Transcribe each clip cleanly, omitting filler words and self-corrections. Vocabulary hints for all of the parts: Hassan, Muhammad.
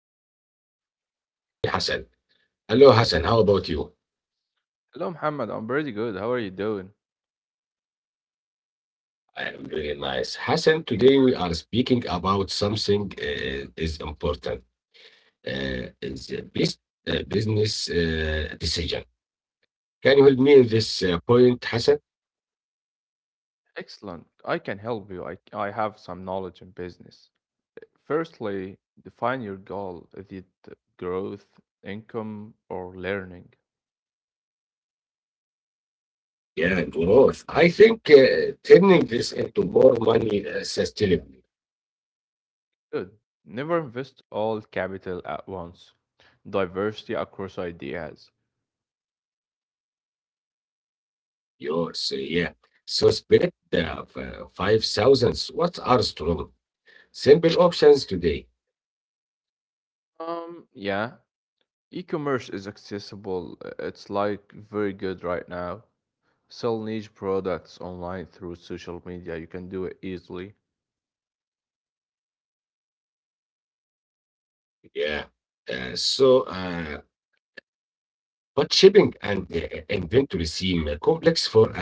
new conversation. Today with me Hassan. Hello Hassan, how about you? Hello, Muhammad. I'm pretty good. How are you doing? I am very nice. Hassan, today we are speaking about something is important. Is a business decision. Can you help me in this point, Hassan? Excellent. I can help you. I have some knowledge in business. Firstly, define your goal. Is it growth, income, or learning? Yeah, growth. I think turning this into more money sustainably. Good. Never invest all capital at once. Diversity across ideas. Yours, yeah. So spirit the five thousands. What are strong? Simple options today. Um, yeah, E-commerce is accessible. It's like very good right now. Sell niche products online through social media. You can do it easily. Yeah. Uh, so, uh, but shipping and inventory seem complex for a beginner,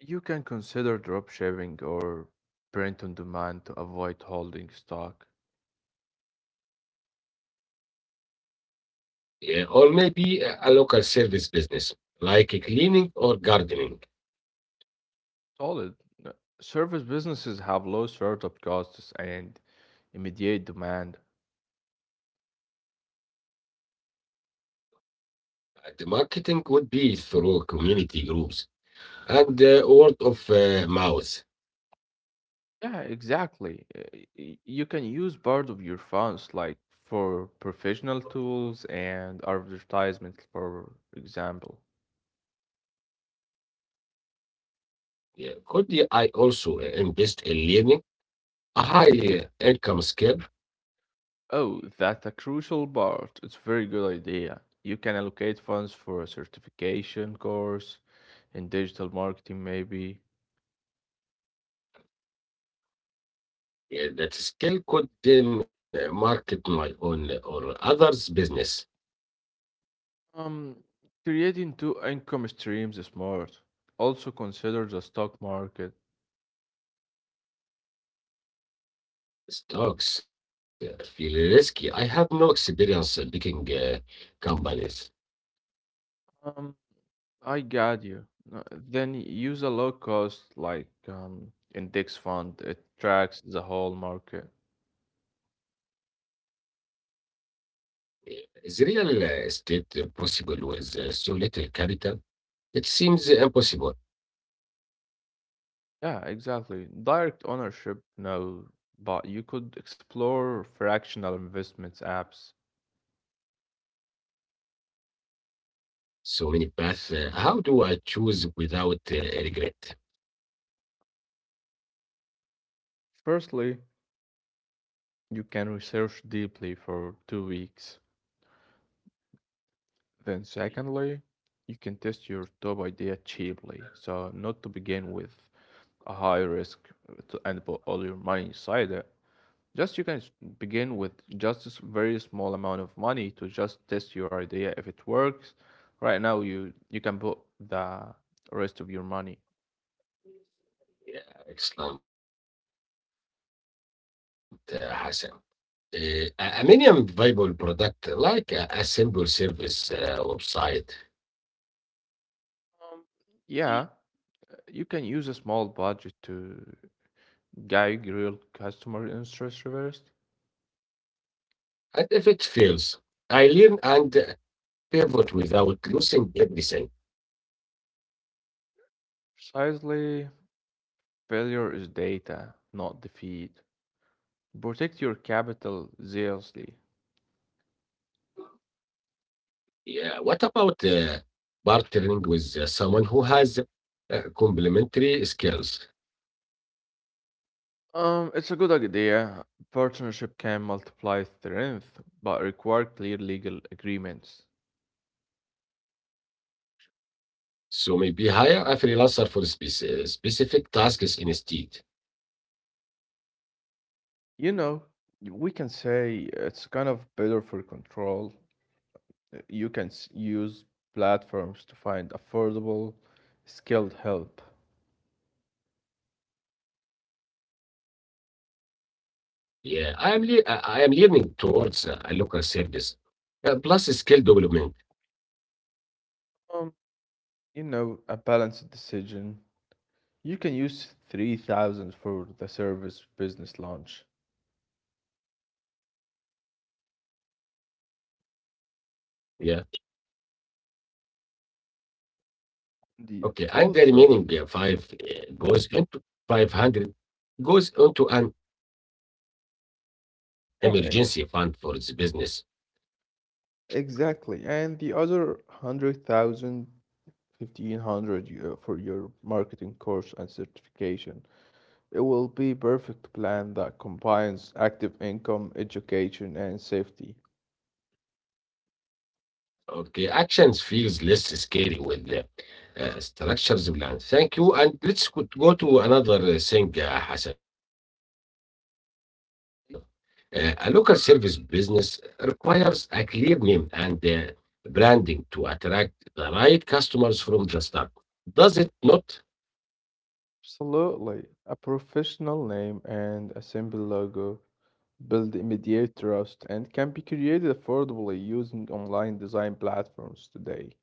You can consider drop shipping or print on demand to avoid holding stock. Or maybe a local service business like cleaning or gardening. Solid. Uh, Service businesses have low startup costs and immediate demand. The marketing would be through community groups and word of mouth. Yeah, exactly. You can use part of your funds like for professional tools and advertisements, for example. Yeah. I also invest in learning a high income skill? Oh, that's a crucial part. It's a very good idea. You can allocate funds for a certification course in digital marketing, maybe. Yeah, that skill could then market my own or others' business. Um, Creating 2 income streams is smart. Also consider the stock market. Stocks feel risky. I have no experience picking companies. Um, I got you. No, then use a low cost like index fund. It tracks the whole market. Uh, Is real estate possible with so little capital? It seems impossible. Yeah, exactly. Direct ownership, no, but you could explore fractional investments apps. So many paths. How do I choose without regret? Firstly, you can research deeply for 2 weeks. Then secondly, you can test your top idea cheaply, so not to begin with a high risk to end up all your money inside it. Just you can s- Begin with just very small amount of money to just test your idea if it works. Right now, you can put the rest of your money. Yeah, excellent Hassan. A minimum viable product like a simple service website. Yeah, you can use a small budget to guide real customer interest reversed. And if it fails, I learn and pivot without losing everything. Precisely, failure is data, not defeat. Protect your capital zealously. Yeah. What about partnering with someone who has complementary skills? It's a good idea. Partnership can multiply strength, but require clear legal agreements. So maybe hire a freelancer for specific tasks instead. You know, we can say it's kind of better for control. You can use platforms to find affordable, skilled help. Yeah, I am leaning towards a local service plus skill development. Um, you know, a balanced decision. You can use 3000 for the service business launch. Yeah. The Okay. And the also, remaining five goes into 500 goes into an emergency fund for the business. yeah, exactly. And the other 100,000 1500 for your marketing course and certification. It will be perfect plan that combines active income, education, and safety. Okay, actions feels less scary with the structures plan. Thank you, and let's go to another thing Hassan. A local service business requires a clear name and branding to attract the right customers from the start. Does it not? Absolutely. A professional name and a simple logo build immediate trust and can be created affordably using online design platforms today.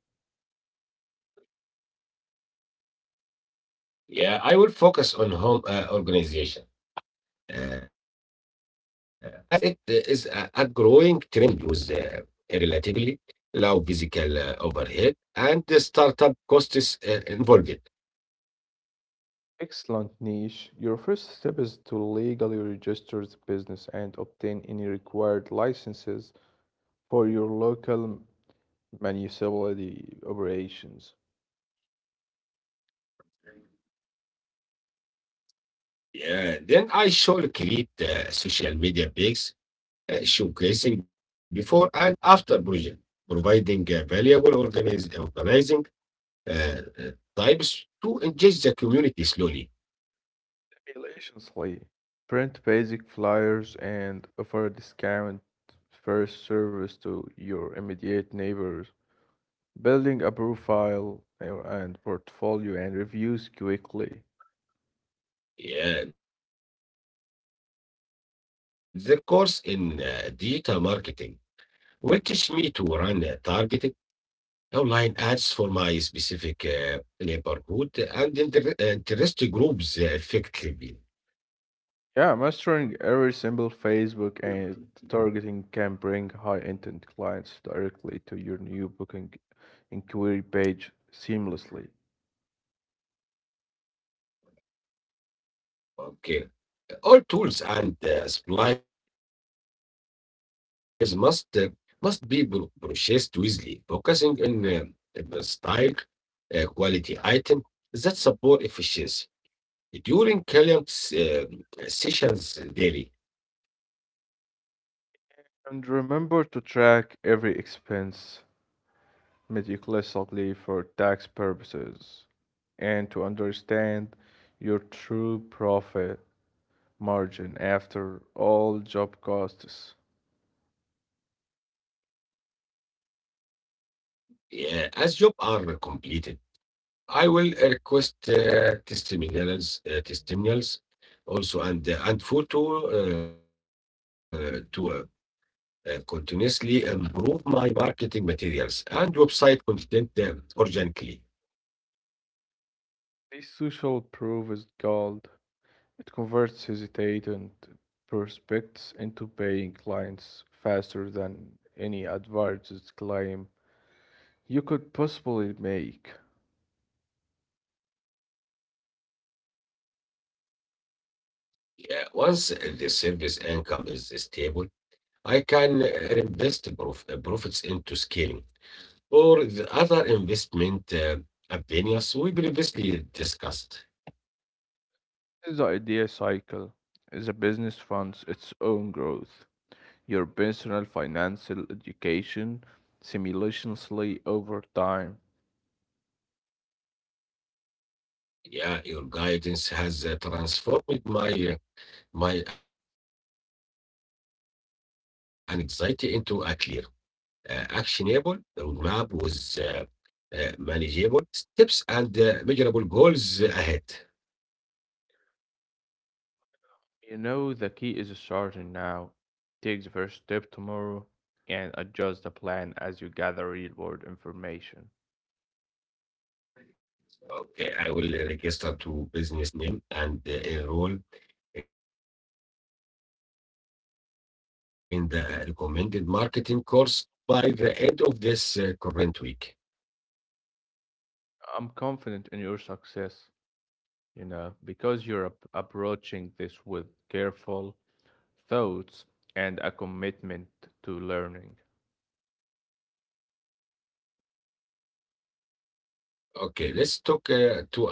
Yeah, I will focus on home organization, uh, as it is a growing trend with relatively low physical overhead and the startup costs involved. Excellent niche. Your first step is to legally register the business and obtain any required licenses for your local municipality operations. Yeah, then I shall create social media pages showcasing before and after project, providing valuable organizing types to engage the community slowly. Simultaneously, print basic flyers and offer a discount first service to your immediate neighbors, building a profile and portfolio and reviews quickly. Yeah, the course in digital marketing will teach me to run targeted online ads for my specific neighborhood and interest groups effectively. Yeah, mastering every single Facebook and targeting can bring high intent clients directly to your new booking inquiry page seamlessly. Okay, all tools and supplies must be purchased wisely, focusing on style, quality item that support efficiency. During clients' sessions daily, And remember to track every expense meticulously for tax purposes and to understand your true profit margin after all job costs. As jobs are completed. I will request testimonials also, and photo to continuously improve my marketing materials and website content organically. This social proof is gold. It converts hesitant prospects into paying clients faster than any advertised claim you could possibly make. Yeah, once the service income is stable, I can reinvest profits into scaling for the other investment opinions we previously discussed. This idea cycle is a business funds its own growth. Your personal financial education simultaneously over time. Yeah, your guidance has transformed my anxiety into a clear, actionable roadmap with manageable steps and measurable goals ahead. You know the key is starting now. Take the first step tomorrow and adjust the plan as you gather real world information. Okay, I will register to business name and enroll in the recommended marketing course by the end of this current week. I'm confident in your success, you know, because you're approaching this with careful thoughts and a commitment to learning. Okay, let's talk to another thing in business Hassan.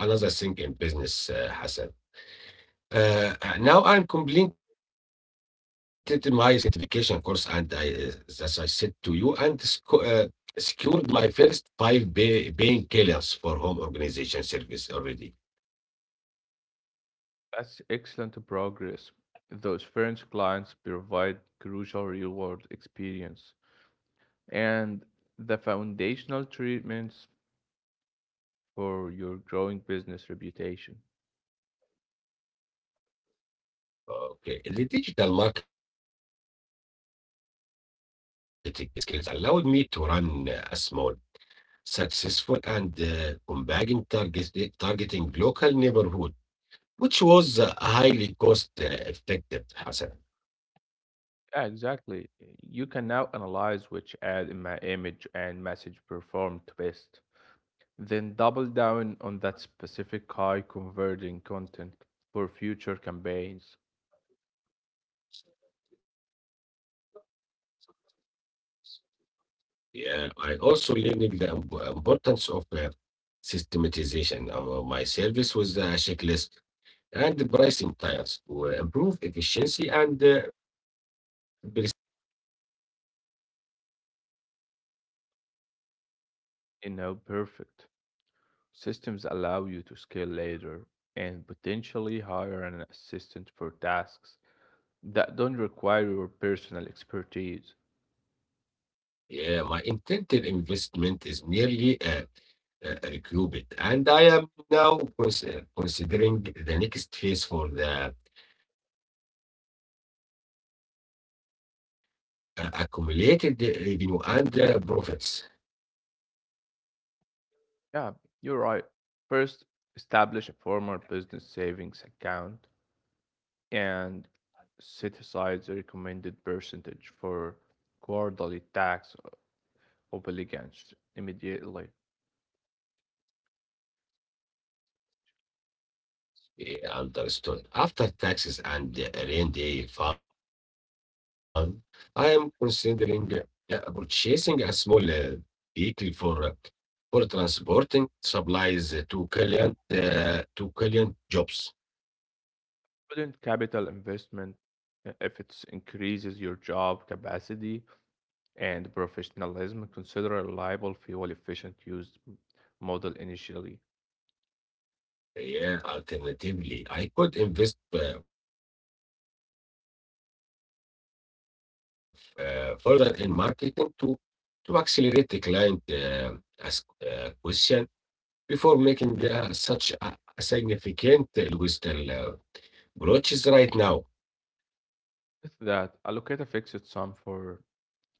Now I'm completed my certification course, and as I said to you, and secured my first five paying clients for home organization service already. That's excellent progress. Those first clients provide crucial real-world experience and the foundational treatments for your growing business reputation. Okay, the digital marketing skills allowed me to run a small successful and combating targeting local neighborhood, which was highly cost effective, Hassan. Yeah, exactly. You can now analyze which ad image and message performed best, then double down on that specific high converting content for future campaigns. Yeah, I also learned the importance of systematization. My service was a checklist and the pricing tiers to improve efficiency and preserve the value. You know, perfect. Systems allow you to scale later and potentially hire an assistant for tasks that don't require your personal expertise. Yeah, my intended investment is nearly qubit. And I am now considering the next phase for the accumulated revenue and profits. Yeah, you're right. First, establish a formal business savings account and set aside the recommended percentage for quarterly tax obligations immediately. Understood. After taxes and the rain day fund, I am considering purchasing a small vehicle for transporting supplies to client jobs. Prudent capital investment, if it increases your job capacity and professionalism, consider a reliable, fuel efficient model initially. Yeah, alternatively, I could invest further in marketing to accelerate the client ask question before making such a significant linguistic approaches right now. With that, allocate a fixed sum for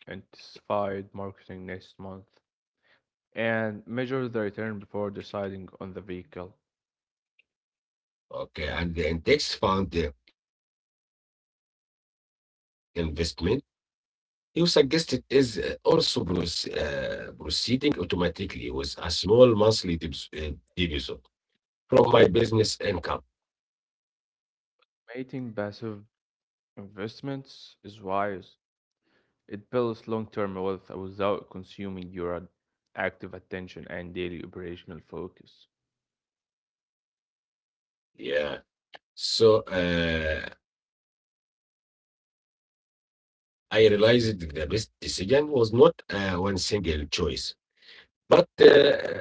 intensified marketing next month and measure the return before deciding on the vehicle. Okay, and the index fund investment you suggested is also proceeding automatically with a small monthly division from my business income. Making passive investments is wise. It builds long term wealth without consuming your active attention and daily operational focus. Yeah. So I realized the best decision was not one single choice, but this structured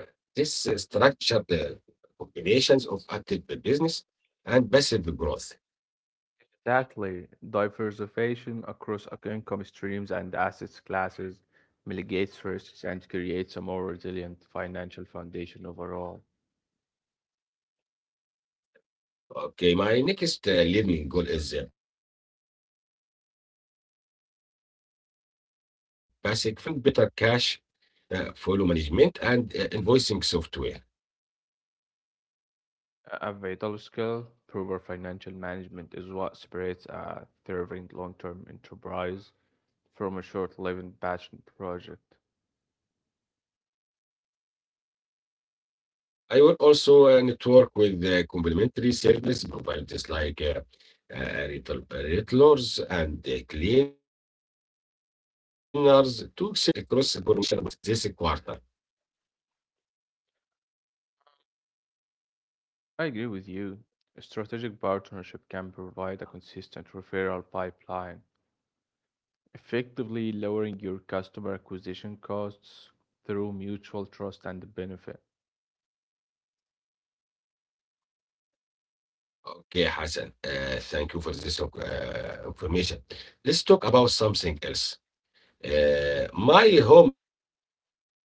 combinations of active business and passive growth. Exactly. Diversification across income streams and assets classes mitigates risks and creates a more resilient financial foundation overall. Okay, my next learning goal is basic financial literacy for small business, including better cash flow management and invoicing software. A vital skill, proper financial management is what separates a thriving long-term enterprise from a short-lived passion project. I will also network with complementary service providers like retailers and cleaners to explore cross information opportunities is this quarter. I agree with you. A strategic partnership can provide a consistent referral pipeline effectively lowering your customer acquisition costs through mutual trust and benefit. Okay, Hassan thank you for this information. Let's talk about something else. My home organization business now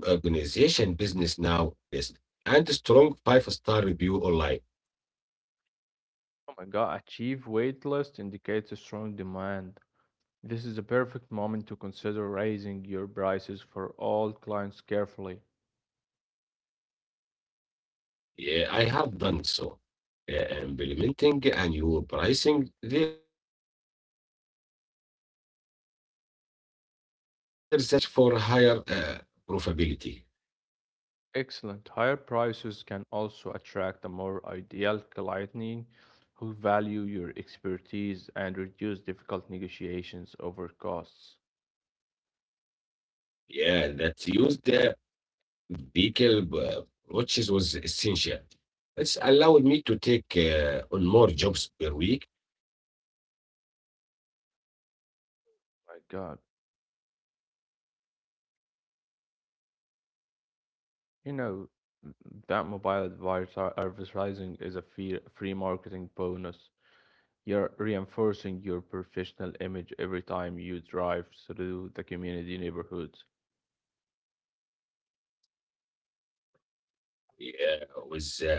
has a constant monthly client wait list and a strong five-star review online. Oh my god, achieve waitlist indicates a strong demand. This is a perfect moment to consider raising your prices for all clients carefully. Yeah, I have done so. Implementing a new pricing there that include a premier complete room overhaul package for higher profitability. Excellent. Higher prices can also attract a more ideal client who value your expertise and reduce difficult negotiations over costs. Yeah, that used the vehicle watches was essential. It's allowed me to take on more jobs per week with my brand and My signing god. gig visible. You know, that mobile advertising is a free marketing bonus. You're reinforcing your professional image every time you drive through the community neighborhoods. Yeah, with profits growing.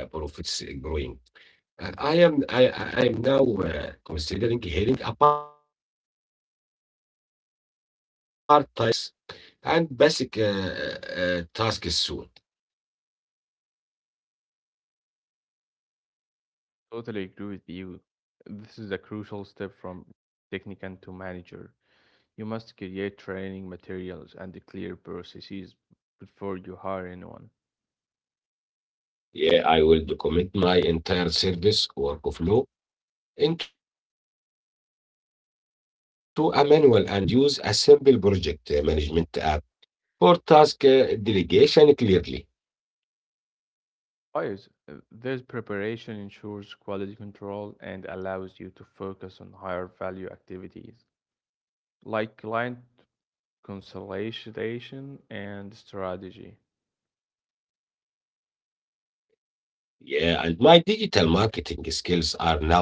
I am now considering hiring a part-time assistant to handle scheduling, logistics, and basic tasks soon. Totally agree with you. This is a crucial step from technician to manager. You must create training materials and clear processes before you hire anyone. Yeah, I will document my entire service workflow into a manual and use a simple project management app for task delegation clearly. Guys, this preparation ensures quality control and allows you to focus on higher value activities like client consolidation and strategy. Yeah, and my digital marketing skills are now generating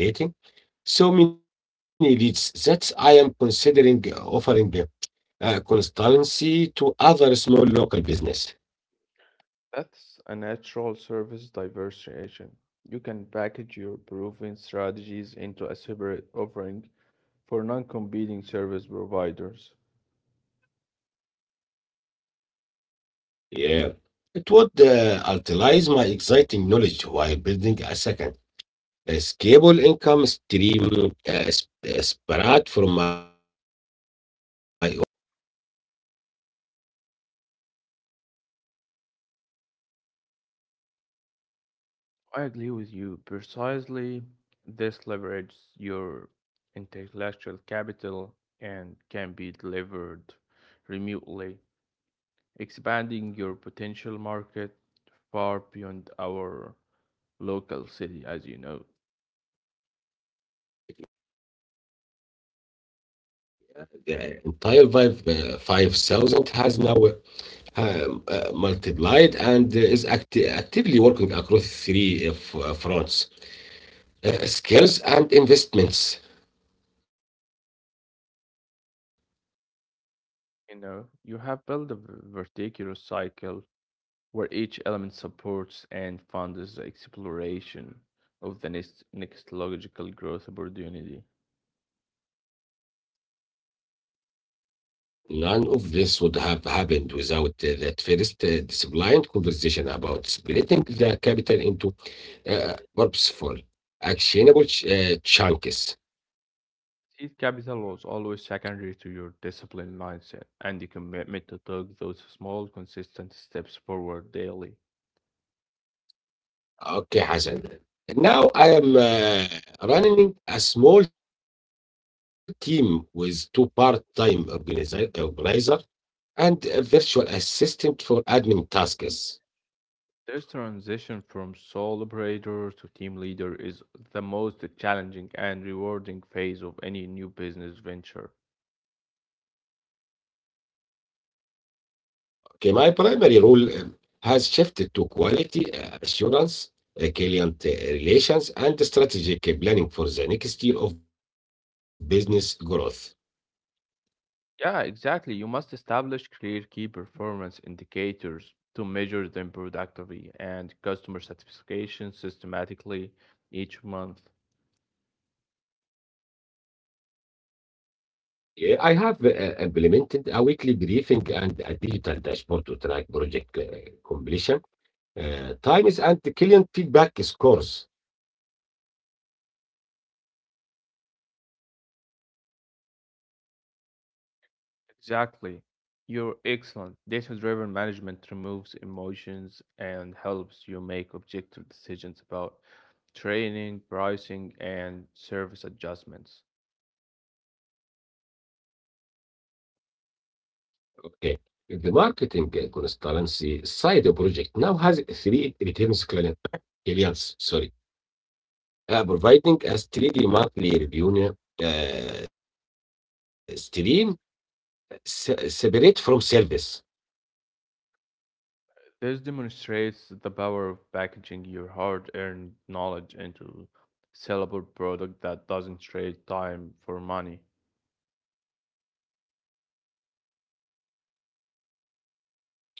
so many leads that I am considering offering consultancy to other small local business. That's a natural service diversification. You can package your proven strategies into a separate offering for non competing service providers. Yeah. It would utilize my exciting knowledge while building a scalable income stream spread from my own physical time and labor. I agree with you precisely. This leverages your intellectual capital and can be delivered remotely, expanding your potential market far beyond our local city, as you know. The entire 5,000 has now multiplied and is actively working across three fronts: skills and investments. You know, you have built a vertical cycle where each element supports and funds the exploration of the next logical growth opportunity. None of this would have happened without that first disciplined conversation about splitting the capital into uh, purposeful, actionable chunks. Seed capital was always secondary to your discipline mindset and the commitment to take those small, consistent steps forward daily. Okay, Hassan. Now I am running a small team with two part-time organizer and a virtual assistant for admin tasks. This transition from sole operator to team leader is the most challenging and rewarding phase of any new business venture. Okay, my primary role has shifted to quality assurance, client relations, and strategic planning for the next year of business growth. Yeah, exactly. You must establish clear key performance indicators to measure them productively and customer satisfaction systematically each month. Yeah, I have implemented a weekly briefing and a digital dashboard to track project completion, times, and the client feedback scores. Exactly. You're excellent. Data-driven management removes emotions and helps you make objective decisions about training, pricing, and service adjustments. Okay. The marketing consultancy side of project now has three returns clients. Sorry. Providing a steady monthly revenue stream separate from service. This demonstrates the power of packaging your hard-earned knowledge into sellable product that doesn't trade time for money.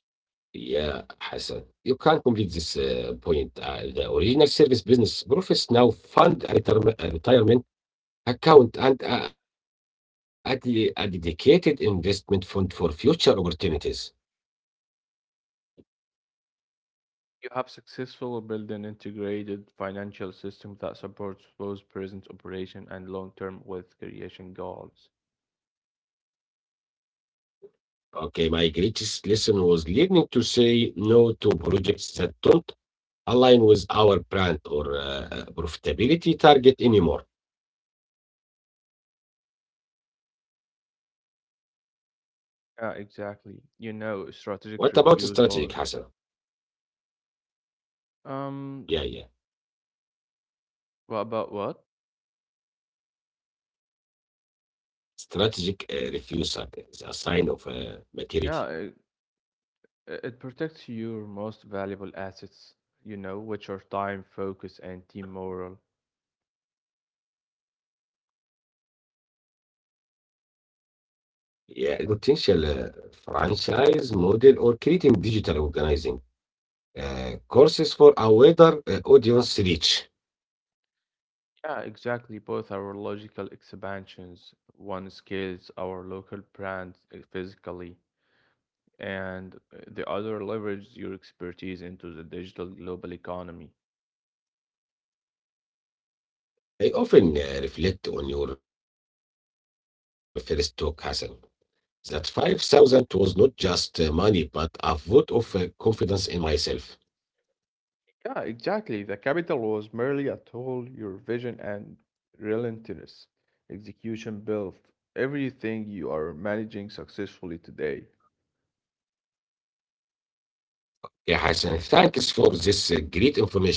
Yeah, Hassan, you can complete this point. The original service business profits now fund a retirement account and a dedicated investment fund for future opportunities. You have successfully built an integrated financial system that supports both present operation and long-term wealth creation goals. Okay, my greatest lesson was learning to say no to projects that don't align with our brand or profitability target anymore. Yeah, exactly. You know, What about strategic strategic, Hassan? refusal. Yeah, yeah. Um, what about what? Strategic refusal is a sign of maturity. Yeah, it protects your most valuable assets, you know, which are time, focus, and team morale. Yeah, the next frontier is exploring a potential franchise model or creating digital organizing courses for a wider audience reach. Yeah, exactly. Both are logical expansions. One scales our local brand physically, and the other leverages your expertise into the digital global economy. I often reflect on your first talk, Hassan, that 5,000 was not just money, but a vote of confidence in myself. Yeah, exactly. The capital was merely a tool, your vision and relentless execution built everything you are managing successfully today. Yeah, Hassan, thanks for this great information.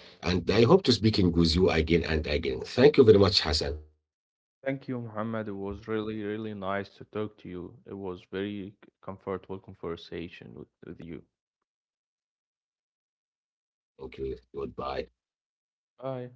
And I hope to speaking with you again and again. Thank you very much, Hassan. Thank you, Muhammad. It was really, really nice to talk to you. It was very comfortable conversation with you. Thank you. Goodbye. Bye.